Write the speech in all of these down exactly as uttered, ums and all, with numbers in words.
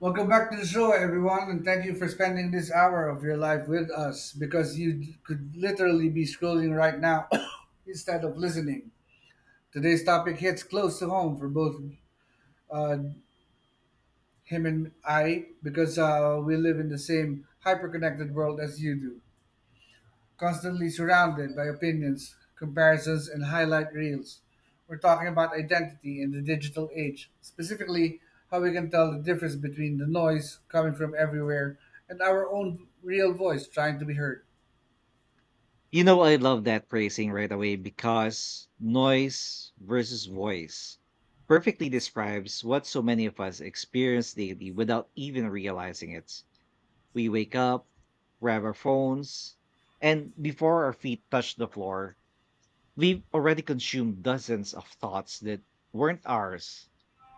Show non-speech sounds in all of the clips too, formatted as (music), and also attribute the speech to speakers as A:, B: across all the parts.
A: Welcome back to the show, everyone, and thank you for spending this hour of your life with us because you d- could literally be scrolling right now (coughs) instead of listening. Today's topic hits close to home for both uh, him and I because uh, we live in the same hyper connected world as you do. Constantly surrounded by opinions, comparisons, and highlight reels. We're talking about identity in the digital age, specifically how we can tell the difference between the noise coming from everywhere and our own real voice trying to be heard.
B: You know, I love that phrasing right away because noise versus voice perfectly describes what so many of us experience daily without even realizing it. We wake up, grab our phones, and before our feet touch the floor, we've already consumed dozens of thoughts that weren't ours.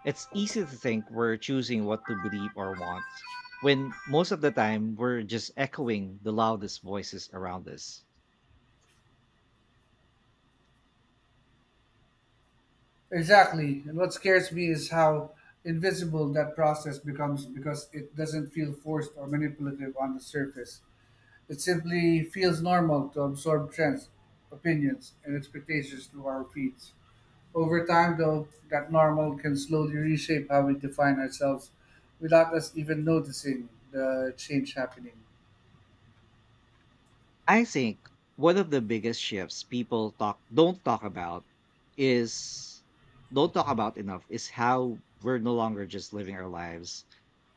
B: It's easy to think we're choosing what to believe or want, when most of the time we're just echoing the loudest voices around us.
A: Exactly, and what scares me is how invisible that process becomes because it doesn't feel forced or manipulative on the surface. It simply feels normal to absorb trends, opinions, and expectations through our feeds. Over time, though, that normal can slowly reshape how we define ourselves without us even noticing the change happening.
B: I think one of the biggest shifts people talk don't talk about is don't talk about enough is how we're no longer just living our lives.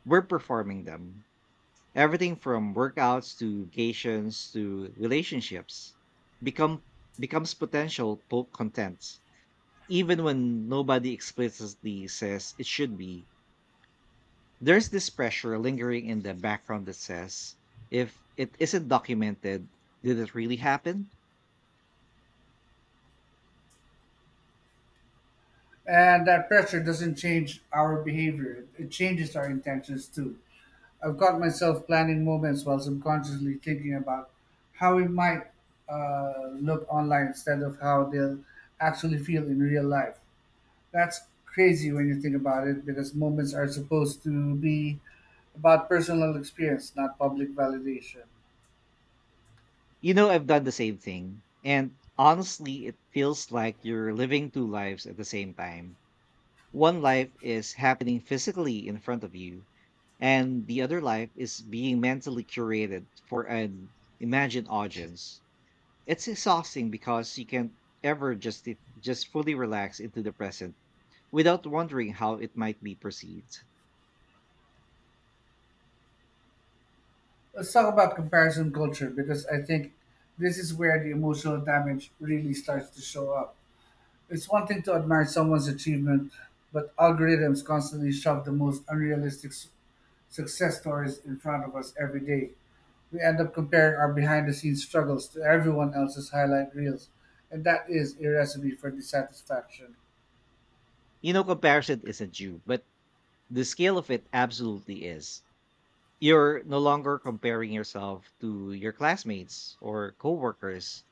B: We're performing them. Everything from workouts to vacations to relationships become becomes potential po- content. Even when nobody explicitly says it should be, there's this pressure lingering in the background that says, if it isn't documented, did it really happen?
A: And that pressure doesn't change our behavior, it changes our intentions too. I've caught myself planning moments while subconsciously thinking about how we might uh, look online instead of how they'll actually feel in real life. That's crazy when you think about it because moments are supposed to be about personal experience, not public validation.
B: You know, I've done the same thing. And honestly, it feels like you're living two lives at the same time. One life is happening physically in front of you, and the other life is being mentally curated for an imagined audience. It's exhausting because you can't ever just e, just fully relax into the present without wondering how it might be perceived.
A: Let's talk about comparison culture because I think this is where the emotional damage really starts to show up. It's one thing to admire someone's achievement, but algorithms constantly shove the most unrealistic s- success stories in front of us every day. We end up comparing our behind the scenes struggles to everyone else's highlight reels, and that is a recipe for dissatisfaction.
B: You know, comparison isn't you, but the scale of it absolutely is. You're no longer comparing yourself to your classmates or coworkers.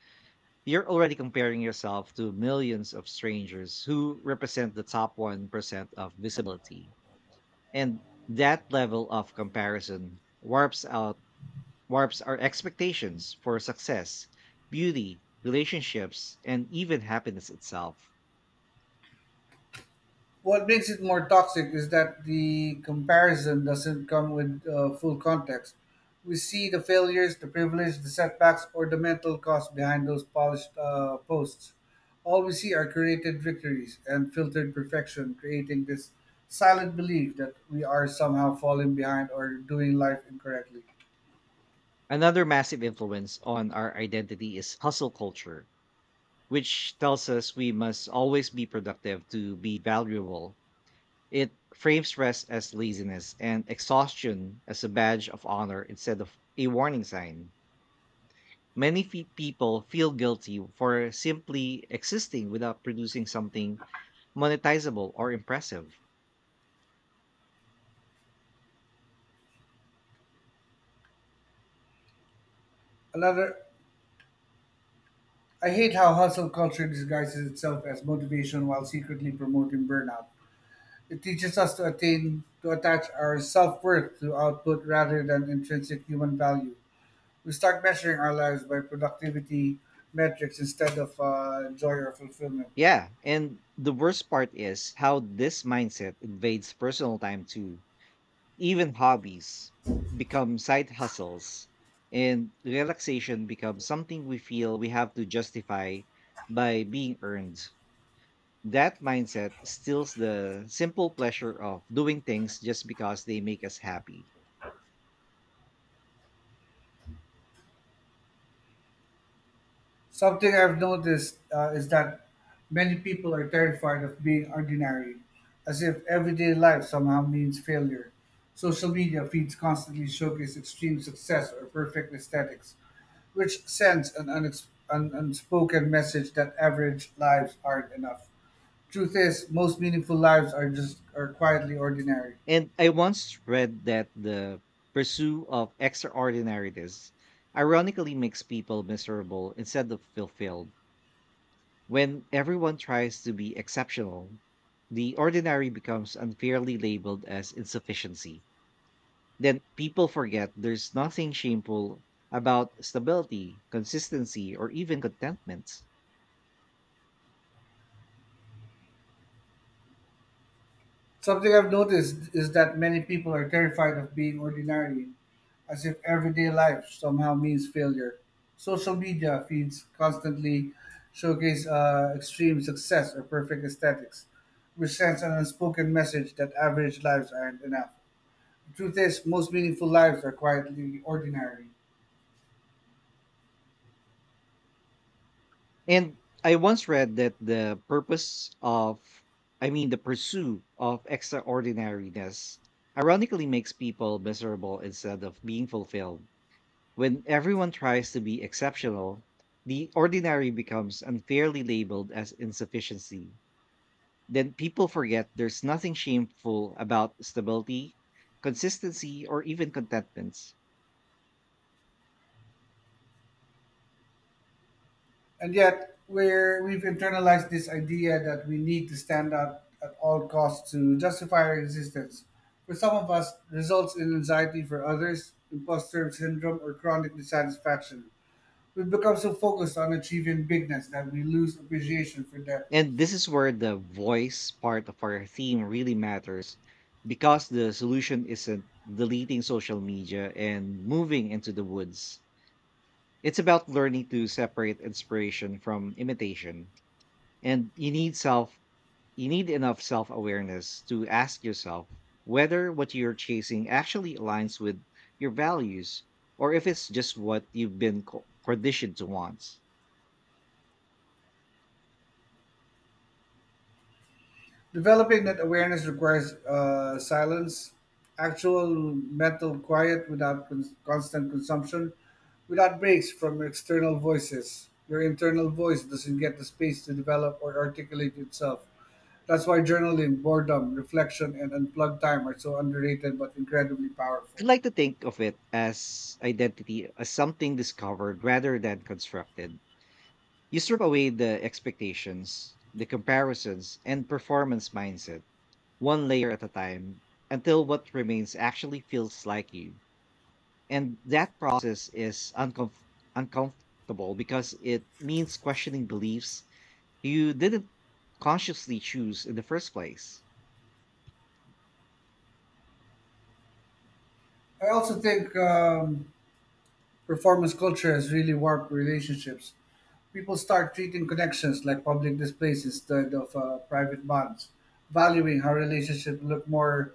B: You're already comparing yourself to millions of strangers who represent the top one percent of visibility. And that level of comparison warps out warps our expectations for success, beauty, relationships, and even happiness itself.
A: What makes it more toxic is that the comparison doesn't come with uh, full context. We see the failures, the privilege, the setbacks, or the mental cost behind those polished uh, posts. All we see are curated victories and filtered perfection, creating this silent belief that we are somehow falling behind or doing life incorrectly.
B: Another massive influence on our identity is hustle culture, which tells us we must always be productive to be valuable. It frames rest as laziness and exhaustion as a badge of honor instead of a warning sign. Many fe- people feel guilty for simply existing without producing something monetizable or impressive.
A: Another, I hate how hustle culture disguises itself as motivation while secretly promoting burnout. It teaches us to attain to attach our self-worth to output rather than intrinsic human value. We start measuring our lives by productivity metrics instead of uh, joy or fulfillment.
B: Yeah, and the worst part is how this mindset invades personal time too. Even hobbies become side hustles, and relaxation becomes something we feel we have to justify by being earned. That mindset steals the simple pleasure of doing things just because they make us happy.
A: Something I've noticed uh, is that many people are terrified of being ordinary, as if everyday life somehow means failure. Social media feeds constantly showcase extreme success or perfect aesthetics, which sends an, unex- an unspoken message that average lives aren't enough. Truth is, most meaningful lives are just are quietly ordinary.
B: And I once read that the pursuit of extraordinariness ironically makes people miserable instead of fulfilled. When everyone tries to be exceptional, the ordinary becomes unfairly labeled as insufficiency. Then people forget there's nothing shameful about stability, consistency, or even contentment.
A: Something I've noticed is that many people are terrified of being ordinary, as if everyday life somehow means failure. Social media feeds constantly showcase uh, extreme success or perfect aesthetics, which sends an unspoken message that average lives aren't enough. The truth is, most meaningful lives are quietly ordinary.
B: And I once read that the purpose of, I mean, the pursuit of extraordinariness ironically makes people miserable instead of being fulfilled. When everyone tries to be exceptional, the ordinary becomes unfairly labeled as insufficiency. Then people forget there's nothing shameful about stability, consistency, or even contentment.
A: And yet we're, we've internalized this idea that we need to stand out at all costs to justify our existence. For some of us, results in anxiety; for others, imposter syndrome or chronic dissatisfaction. We've become so focused on achieving bigness that we lose appreciation for depth.
B: And this is where the voice part of our theme really matters because the solution isn't deleting social media and moving into the woods. It's about learning to separate inspiration from imitation. And you need self You need enough self awareness to ask yourself whether what you're chasing actually aligns with your values or if it's just what you've been co- conditioned to want.
A: Developing that awareness requires uh, silence, actual mental quiet without con- constant consumption, without breaks from external voices. Your internal voice doesn't get the space to develop or articulate itself. That's why journaling, boredom, reflection, and unplugged time are so underrated but incredibly
B: I would
A: powerful.
B: like to think of it as identity as something discovered rather than constructed. You strip away the expectations, the comparisons, and performance mindset, one layer at a time, until what remains actually feels like you. And that process is uncomf- uncomfortable because it means questioning beliefs you didn't consciously choose in the first place.
A: I also think um, performance culture has really warped relationships. People start treating connections like public displays instead of uh, private bonds, valuing how relationships look more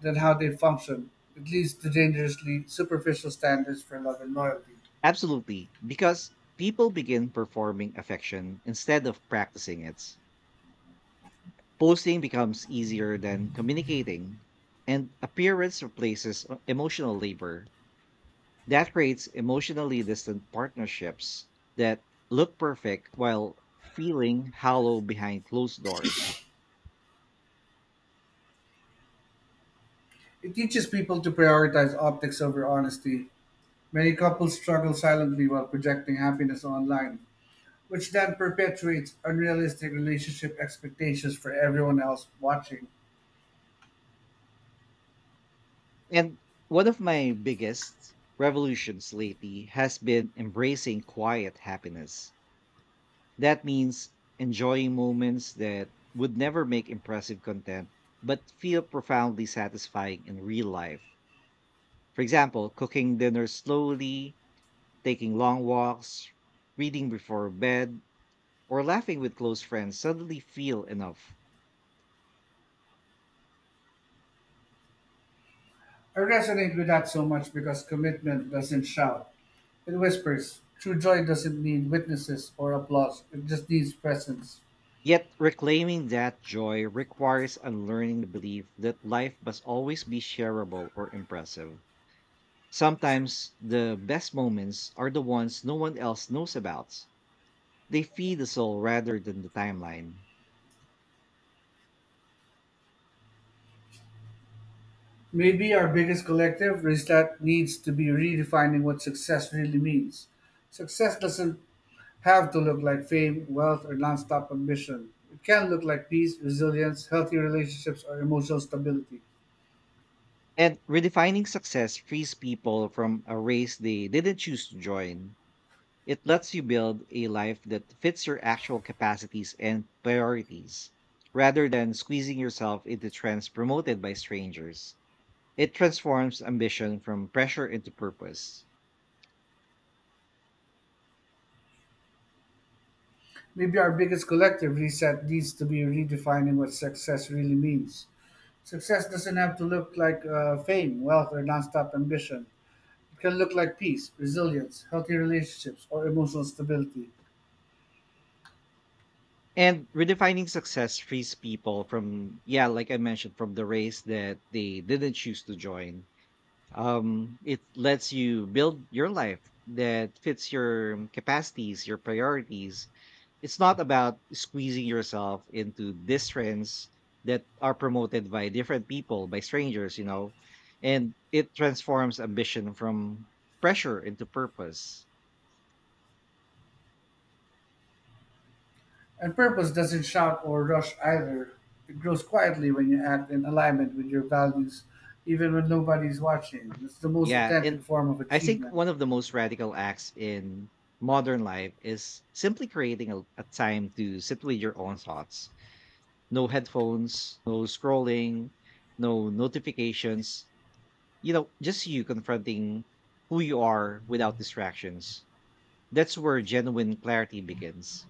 A: than how they function. It leads to dangerously superficial standards for love and loyalty.
B: Absolutely, because people begin performing affection instead of practicing it. Posting becomes easier than communicating, and appearance replaces e- emotional labor. That creates emotionally distant partnerships that look perfect while feeling hollow behind closed doors.
A: It teaches people to prioritize optics over honesty. Many couples struggle silently while projecting happiness online, which then perpetuates unrealistic relationship expectations for everyone else watching.
B: And one of my biggest revolutions lately has been embracing quiet happiness. That means enjoying moments that would never make impressive content, but feel profoundly satisfying in real life. For example, cooking dinner slowly, taking long walks, reading before bed, or laughing with close friends suddenly feel enough.
A: I resonate with that so much because commitment doesn't shout, it whispers. True joy doesn't need witnesses or applause, it just needs presence.
B: Yet reclaiming that joy requires unlearning the belief that life must always be shareable or impressive. Sometimes the best moments are the ones no one else knows about. They feed the soul rather than the timeline.
A: Maybe our biggest collective is that needs to be redefining what success really means. Success doesn't have to look like fame, wealth, or nonstop ambition. It can look like peace, resilience, healthy relationships, or emotional stability.
B: And redefining success frees people from a race they didn't choose to join. It lets you build a life that fits your actual capacities and priorities, rather than squeezing yourself into trends promoted by strangers. It transforms ambition from pressure into purpose.
A: Maybe our biggest collective reset needs to be redefining what success really means. Success doesn't have to look like uh, fame, wealth, or nonstop ambition. It can look like peace, resilience, healthy relationships, or emotional stability.
B: And redefining success frees people from, yeah, like I mentioned, from the race that they didn't choose to join. Um, it lets you build your life that fits your capacities, your priorities. It's not about squeezing yourself into these trends that are promoted by different people, by strangers, you know and it transforms ambition from pressure into purpose.
A: And purpose doesn't shout or rush either. It grows quietly when you act in alignment with your values, even when nobody's watching. It's the most
B: Yeah,
A: authentic
B: and
A: form of
B: I think
A: achievement.
B: one of the most radical acts in modern life is simply creating a, a time to sit with your own thoughts, no headphones, no scrolling, no notifications. You know, just you confronting who you are without distractions. That's where genuine clarity begins.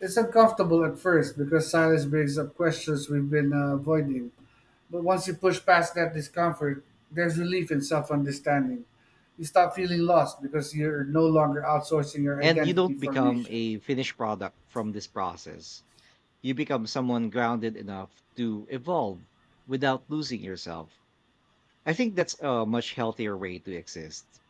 A: It's uncomfortable at first because silence brings up questions we've been uh, avoiding. But once you push past that discomfort, there's relief in self understanding. You stop feeling lost because you're no longer outsourcing your
B: And you
A: identity
B: don't become
A: formation.
B: a finished product from this process. You become someone grounded enough to evolve without losing yourself. I think that's a much healthier way to exist.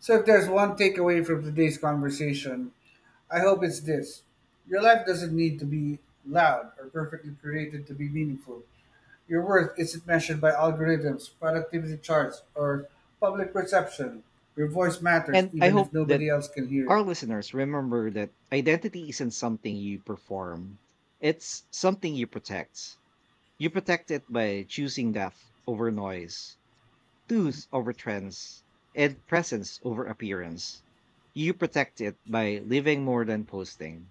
A: So, if there's one takeaway from today's conversation, I hope it's this: your life doesn't need to be loud or perfectly created to be meaningful. Your worth isn't measured by algorithms, productivity charts, or public perception. Your voice matters
B: And I
A: even if
B: hope
A: nobody
B: that
A: else can hear
B: our
A: it.
B: listeners remember that identity isn't something you perform, it's something you protect. You protect it by choosing death over noise, tooth over trends, and presence over appearance. You protect it by living more than posting.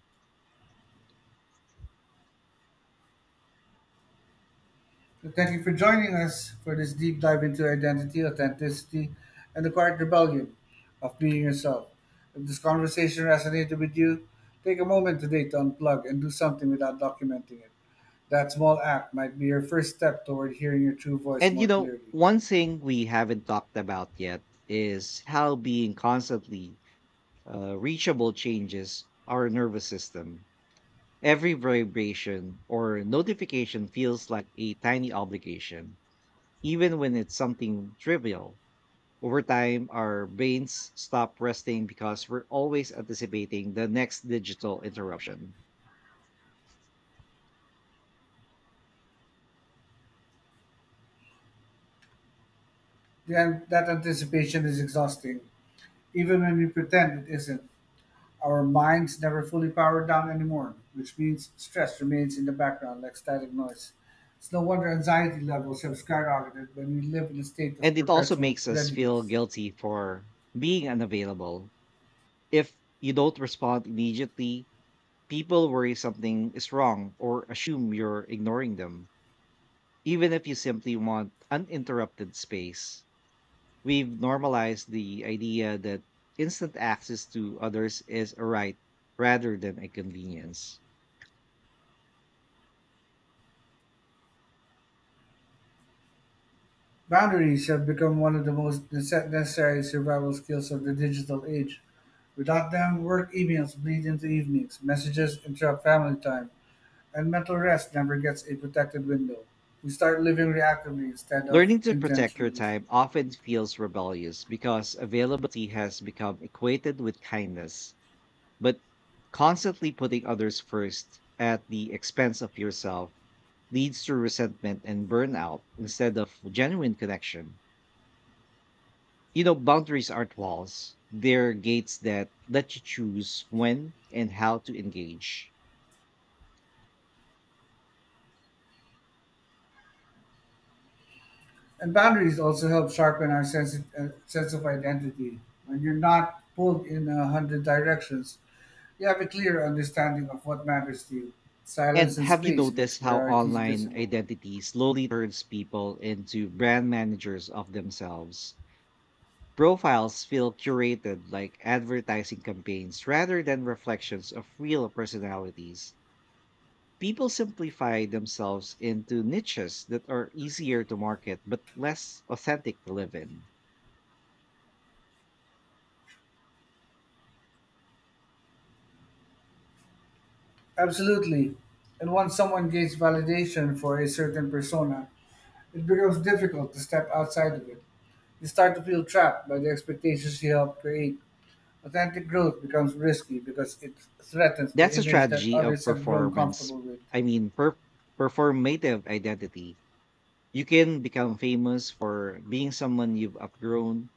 A: Well, thank you for joining us for this deep dive into identity, authenticity, and the quiet rebellion of being yourself. If this conversation resonated with you, take a moment today to unplug and do something without documenting it. That small act might be your first step toward hearing your true voice
B: And you
A: more
B: know,
A: clearly.
B: one thing we haven't talked about yet is how being constantly uh, reachable changes our nervous system. Every vibration or notification feels like a tiny obligation, even when it's something trivial. Over time, our brains stop resting because we're always anticipating the next digital interruption.
A: The, that anticipation is exhausting, even when we pretend it isn't. Our minds never fully power down anymore, which means stress remains in the background like static noise. It's no wonder anxiety levels have skyrocketed when we live in a state of
B: And it also
A: perpetual
B: makes us feel
A: readiness.
B: guilty for being unavailable. If you don't respond immediately, people worry something is wrong or assume you're ignoring them, even if you simply want uninterrupted space. We've normalized the idea that instant access to others is a right rather than a convenience.
A: Boundaries have become one of the most nece- necessary survival skills of the digital age. Without them, work emails bleed into evenings, messages interrupt family time, and mental rest never gets a protected window. We start living reactively instead of
B: Learning to protect your
A: intentionally.
B: time often feels rebellious because availability has become equated with kindness. But constantly putting others first at the expense of yourself leads to resentment and burnout instead of genuine connection. You know, boundaries aren't walls, they're gates that let you choose when and how to engage.
A: And boundaries also help sharpen our sense of, uh, sense of identity. When you're not pulled in a hundred directions, you have a clear understanding of what matters to you. Silence
B: And
A: and
B: have you
A: space makes
B: noticed how
A: priorities
B: online
A: visible.
B: identity slowly turns people into brand managers of themselves? Profiles feel curated like advertising campaigns rather than reflections of real personalities. People simplify themselves into niches that are easier to market but less authentic to live in.
A: Absolutely. And once someone gains validation for a certain persona, it becomes difficult to step outside of it. You start to feel trapped by the expectations you helped create. Authentic growth becomes risky because it threatens the
B: That's a
A: image that
B: strategy of
A: others have grown
B: performance,
A: comfortable with.
B: I mean, per- performative identity. You can become famous for being someone you've outgrown.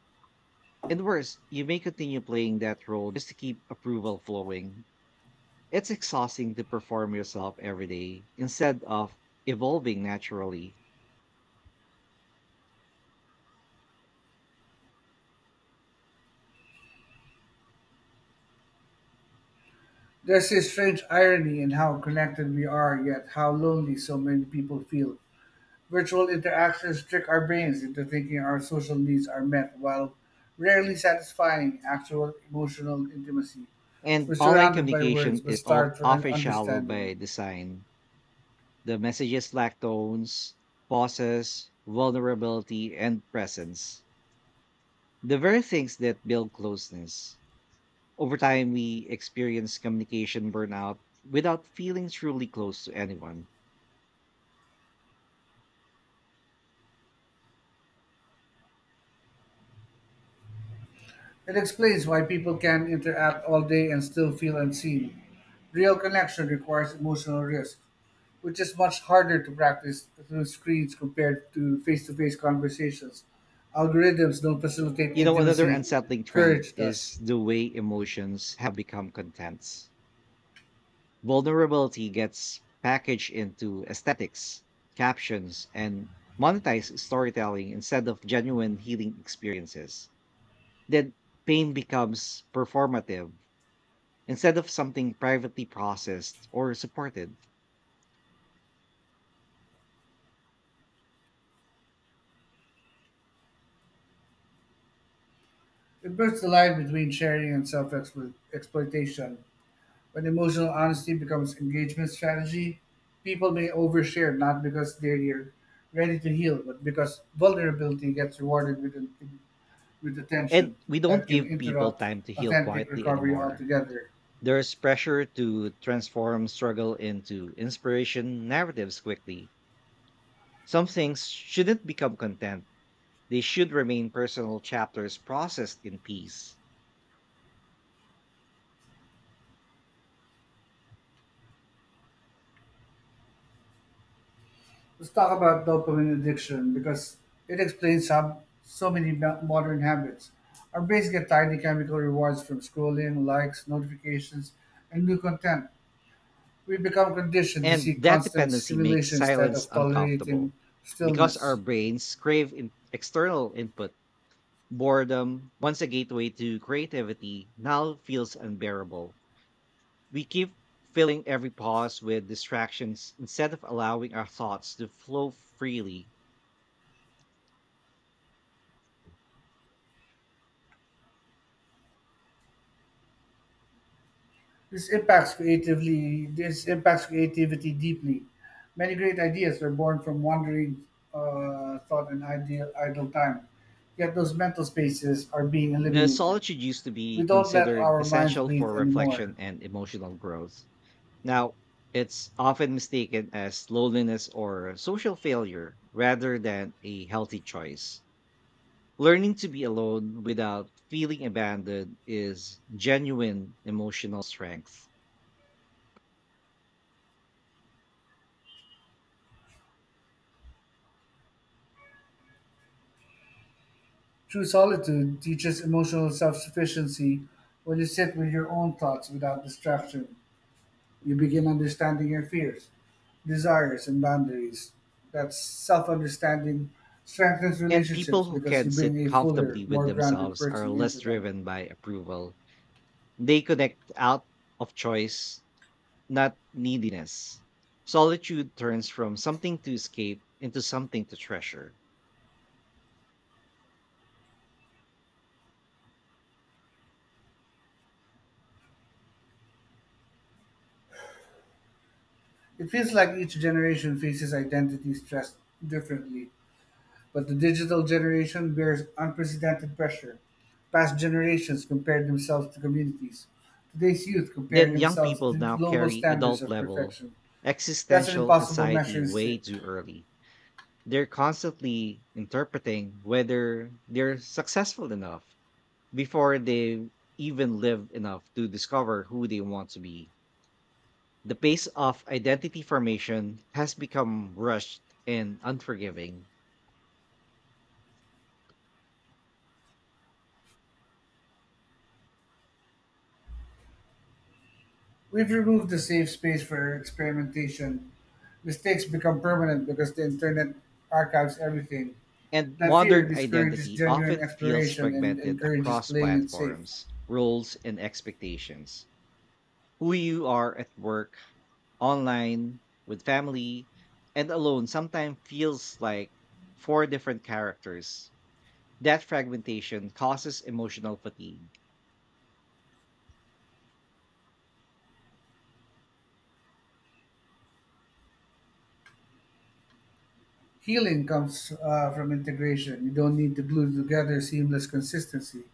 B: And worse, you may continue playing that role just to keep approval flowing. It's exhausting to perform yourself every day instead of evolving naturally.
A: There's this strange irony in how connected we are, yet how lonely so many people feel. Virtual interactions trick our brains into thinking our social needs are met while rarely satisfying actual emotional intimacy. We're
B: And online
A: surrounded by words
B: communication
A: but
B: is of-
A: starved for an
B: often shallow
A: understanding.
B: by design. The messages lack tones, pauses, vulnerability, and presence. The very things that build closeness. Over time, we experience communication burnout without feeling truly close to anyone.
A: It explains why people can interact all day and still feel unseen. Real connection requires emotional risk, which is much harder to practice through screens compared to face to face conversations. Algorithms don't facilitate
B: You know, another
A: intimacy,
B: unsettling trend
A: courage does.
B: is the way emotions have become contents. Vulnerability gets packaged into aesthetics, captions, and monetized storytelling instead of genuine healing experiences. Then pain becomes performative instead of something privately processed or supported.
A: It blurs the line between sharing and self exploitation. When emotional honesty becomes engagement strategy, people may overshare not because they're ready to heal, but because vulnerability gets rewarded with, with
B: And
A: attention
B: we don't
A: that can
B: give people
A: interrupt
B: time to heal
A: authentic
B: quietly
A: recovery
B: anymore.
A: altogether.
B: There's pressure to transform struggle into inspiration narratives quickly. Some things shouldn't become content, they should remain personal chapters processed in peace.
A: Let's talk about dopamine addiction because it explains how so many mo- modern habits. Our brains get tiny chemical rewards from scrolling, likes, notifications, and new content. We become conditioned to
B: And
A: seek
B: that
A: constant
B: dependency makes
A: stimulation instead
B: silence
A: of tolerating
B: uncomfortable because our
A: stillness.
B: brains crave in- external input. Boredom, once a gateway to creativity, now feels unbearable. We keep filling every pause with distractions instead of allowing our thoughts to flow freely.
A: This impacts creatively. This impacts creativity deeply. Many great ideas were born from wandering uh, thought and ideal idle time. Yet those mental spaces are being
B: The
A: eliminated.
B: solitude used to be
A: We don't let
B: considered
A: our minds
B: essential
A: breathe
B: for
A: anymore.
B: reflection and emotional growth. Now, it's often mistaken as loneliness or social failure rather than a healthy choice. Learning to be alone without feeling abandoned is genuine emotional strength.
A: True solitude teaches emotional self sufficiency. When you sit with your own thoughts without distraction, you begin understanding your fears, desires, and boundaries. That self understanding strengthens
B: And people
A: relationships
B: who
A: because
B: can
A: you bring
B: sit
A: a fuller,
B: comfortably with
A: more grounded
B: themselves are
A: person
B: less
A: into them.
B: driven by approval. They connect out of choice, not neediness. Solitude turns from something to escape into something to treasure.
A: It feels like each generation faces identity stress differently. But the digital generation bears unprecedented pressure. Past generations compared themselves to communities. Today's youth compare
B: Then young
A: themselves
B: people
A: to
B: now
A: global
B: carry
A: standards
B: adult
A: of
B: level
A: perfection. That's an
B: existential
A: impossible
B: anxiety
A: measuring
B: way
A: stick.
B: too early. They're constantly interpreting whether they're successful enough before they even live enough to discover who they want to be. The pace of identity formation has become rushed and unforgiving,
A: We've removed the safe space for experimentation. Mistakes become permanent because the internet archives everything.
B: and
A: That fear
B: modern
A: discourages
B: identity
A: genuine
B: often feels
A: exploration and
B: fragmented
A: encourages
B: across
A: playing it safe.
B: platforms, roles, and expectations. Who you are at work, online, with family, and alone sometimes feels like four different characters. That fragmentation causes emotional fatigue.
A: Healing comes uh, from integration. You don't need to glue together seamless consistency.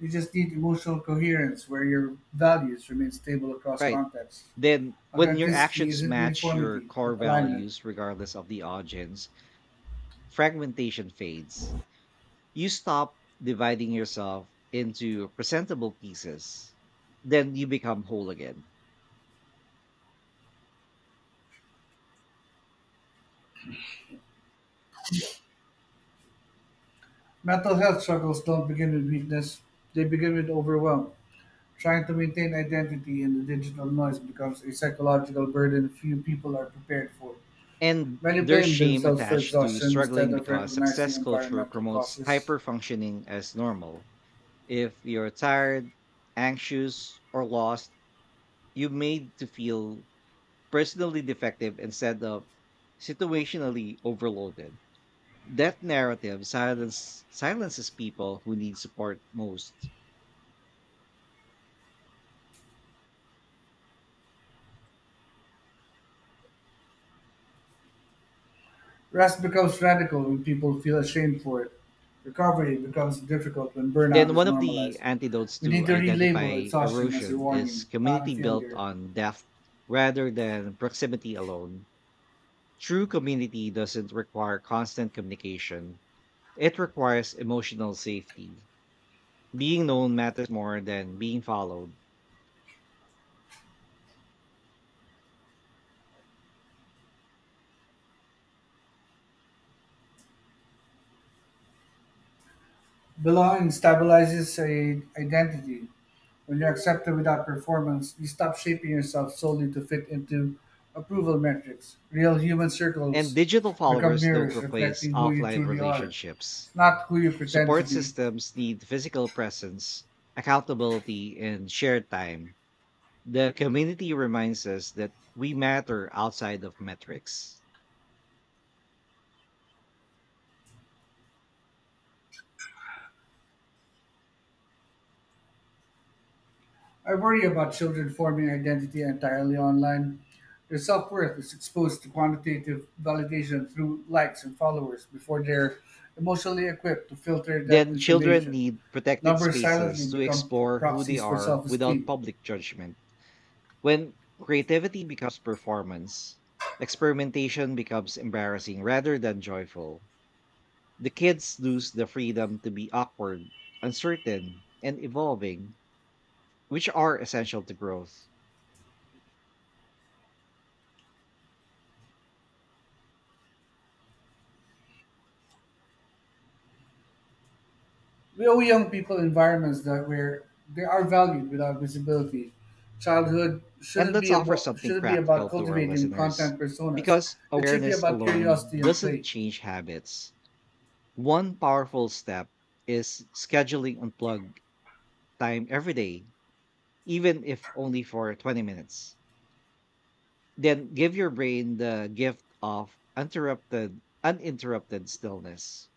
A: You just need emotional coherence where your values remain stable across
B: Right.
A: contexts.
B: Then, when your
A: Authenticity
B: actions
A: isn't
B: match your
A: uniformity,
B: core
A: but alignment.
B: values, regardless of the audience, fragmentation fades. You stop dividing yourself into presentable pieces. Then you become whole again.
A: Mental health struggles don't begin with weakness, they begin with overwhelm. Trying to maintain identity in the digital noise becomes a psychological burden few people are prepared for.
B: And
A: Many
B: there's
A: blame
B: shame
A: themselves for
B: attached to
A: exhaustion instead
B: struggling
A: of
B: because
A: recognizing
B: success culture
A: environmental
B: promotes
A: causes.
B: hyper functioning as normal. If you're tired, anxious, or lost, you made to feel personally defective instead of situationally overloaded. That narrative silence, silences people who need support most.
A: Rest becomes radical when people feel ashamed for it. Recovery becomes difficult when burnout
B: Then
A: is
B: one of the
A: normalized.
B: antidotes
A: We need
B: to
A: to relabel
B: identify
A: exhaustion as a
B: erosion is
A: warning, not a
B: community built
A: failure.
B: on depth rather than proximity alone. True community doesn't require constant communication. It requires emotional safety. Being known matters more than being followed.
A: Belonging stabilizes a identity. When you're accepted without performance, you stop shaping yourself solely to fit into approval metrics. Real human
B: And
A: circles
B: digital
A: become
B: followers don't
A: mirrors
B: replace
A: reflecting who you
B: offline
A: truly are,
B: relationships.
A: not who you pretend to
B: Support
A: be.
B: systems need physical presence, accountability, and shared time. The community reminds us that we matter outside of metrics.
A: I worry about children forming identity entirely online. Their self worth is exposed to quantitative validation through likes and followers before they're emotionally equipped to filter that
B: Then children
A: information.
B: need protected
A: Numbers silently
B: spaces to
A: become pr-
B: explore who they
A: proxies for
B: are without
A: self-esteem.
B: public judgment. When creativity becomes performance, experimentation becomes embarrassing rather than joyful. The kids lose the freedom to be awkward, uncertain, and evolving, which are essential to growth.
A: We owe young people environments that where they are valued without visibility. Childhood
B: And
A: shouldn't
B: let's
A: be
B: offer
A: about
B: something
A: shouldn't be
B: practical
A: about
B: to our
A: cultivating
B: listeners
A: content personas.
B: because
A: It should be
B: awareness
A: about
B: alone
A: curiosity and
B: doesn't
A: play.
B: change habits. One powerful step is scheduling unplug time every day, even if only for twenty minutes. Then give your brain the gift of interrupted uninterrupted stillness.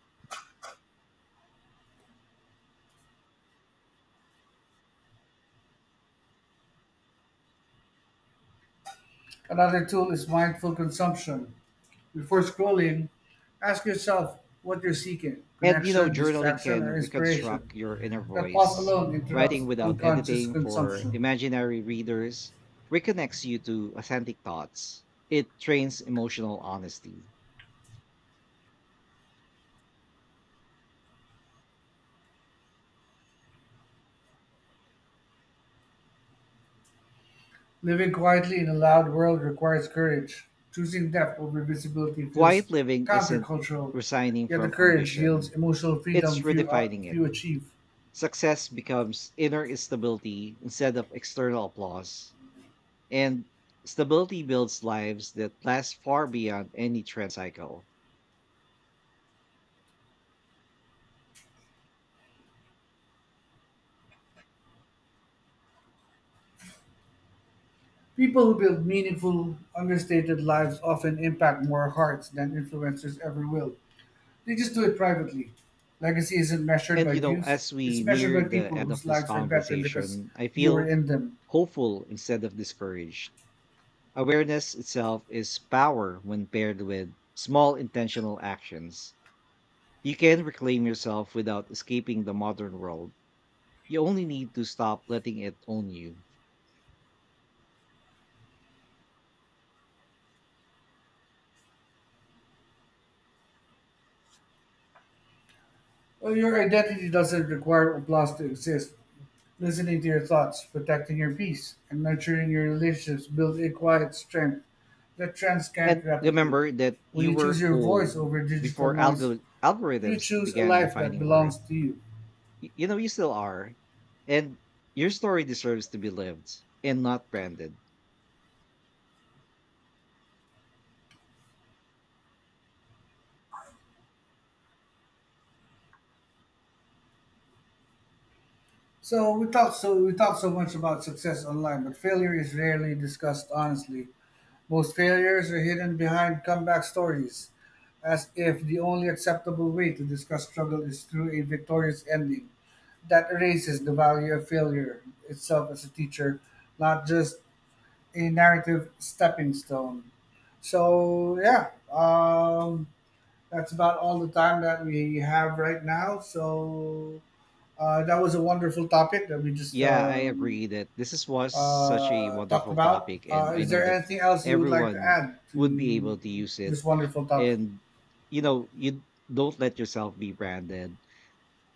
A: Another tool is mindful consumption. Before scrolling, ask yourself what you're seeking:
B: And you know,
A: connection,
B: journaling
A: distraction,
B: can
A: or inspiration.
B: reconstruct your inner
A: That pause
B: voice.
A: alone
B: Writing
A: interrupts
B: without
A: unconscious
B: editing for
A: consumption.
B: imaginary readers reconnects you to authentic thoughts. It trains emotional honesty.
A: Living quietly in a loud world requires courage. Choosing depth over visibility feels
B: Quiet living isn't
A: countercultural,
B: resigning
A: yet the
B: from
A: courage yields
B: ambition,
A: emotional
B: it's
A: freedom few, are,
B: redefining it.
A: few achieve.
B: Success becomes inner stability instead of external applause. And stability builds lives that last far beyond any trend cycle.
A: People who build meaningful, understated lives often impact more hearts than influencers ever will. They just do it privately. Legacy isn't measured
B: And
A: by
B: you know,
A: views,
B: as
A: it's
B: we
A: measured
B: near
A: by
B: the
A: people
B: end of
A: whose
B: this
A: lives are better because
B: conversation, I
A: you were
B: feel
A: in them.
B: hopeful instead of discouraged. Awareness itself is power when paired with small intentional actions. You can reclaim yourself without escaping the modern world. You only need to stop letting it own you.
A: Well, your identity doesn't require applause to exist. Listening to your thoughts, protecting your peace, and nurturing your relationships build a quiet strength that trends can't
B: And
A: replicate.
B: remember that
A: When
B: you
A: you
B: were
A: choose your voice
B: whole
A: over digital
B: before
A: noise,
B: algor-
A: you
B: algorithms
A: choose a
B: began
A: life that
B: defining
A: belongs
B: worth.
A: to you.
B: Y- you know, you still are. And your story deserves to be lived and not branded.
A: So we talk so we talk so much about success online, but failure is rarely discussed honestly. Most failures are hidden behind comeback stories, as if the only acceptable way to discuss struggle is through a victorious ending. That erases the value of failure itself as a teacher, not just a narrative stepping stone. So, yeah, um, that's about all the time that we have right now. So, uh, that was a wonderful topic that we just
B: Yeah, I
A: um,
B: agree that this is was such a
A: uh, talked
B: wonderful
A: about.
B: topic, and
A: Uh,
B: I
A: is
B: know
A: there
B: that
A: anything else you would like to
B: everyone
A: add
B: would be
A: to
B: able to use it.
A: this wonderful topic?
B: And you know, you don't let yourself be branded.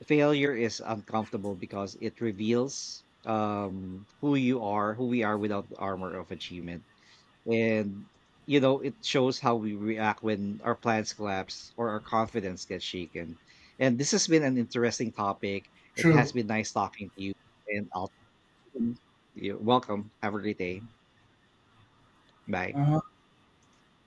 B: Failure is uncomfortable because it reveals um who you are, who we are without the armor of achievement. And you know, it shows how we react when our plans collapse or our confidence gets shaken. And this has been an interesting topic. It has
A: True.
B: been nice talking to you, and I'll you're welcome. Have a great day. Bye.
A: Uh-huh.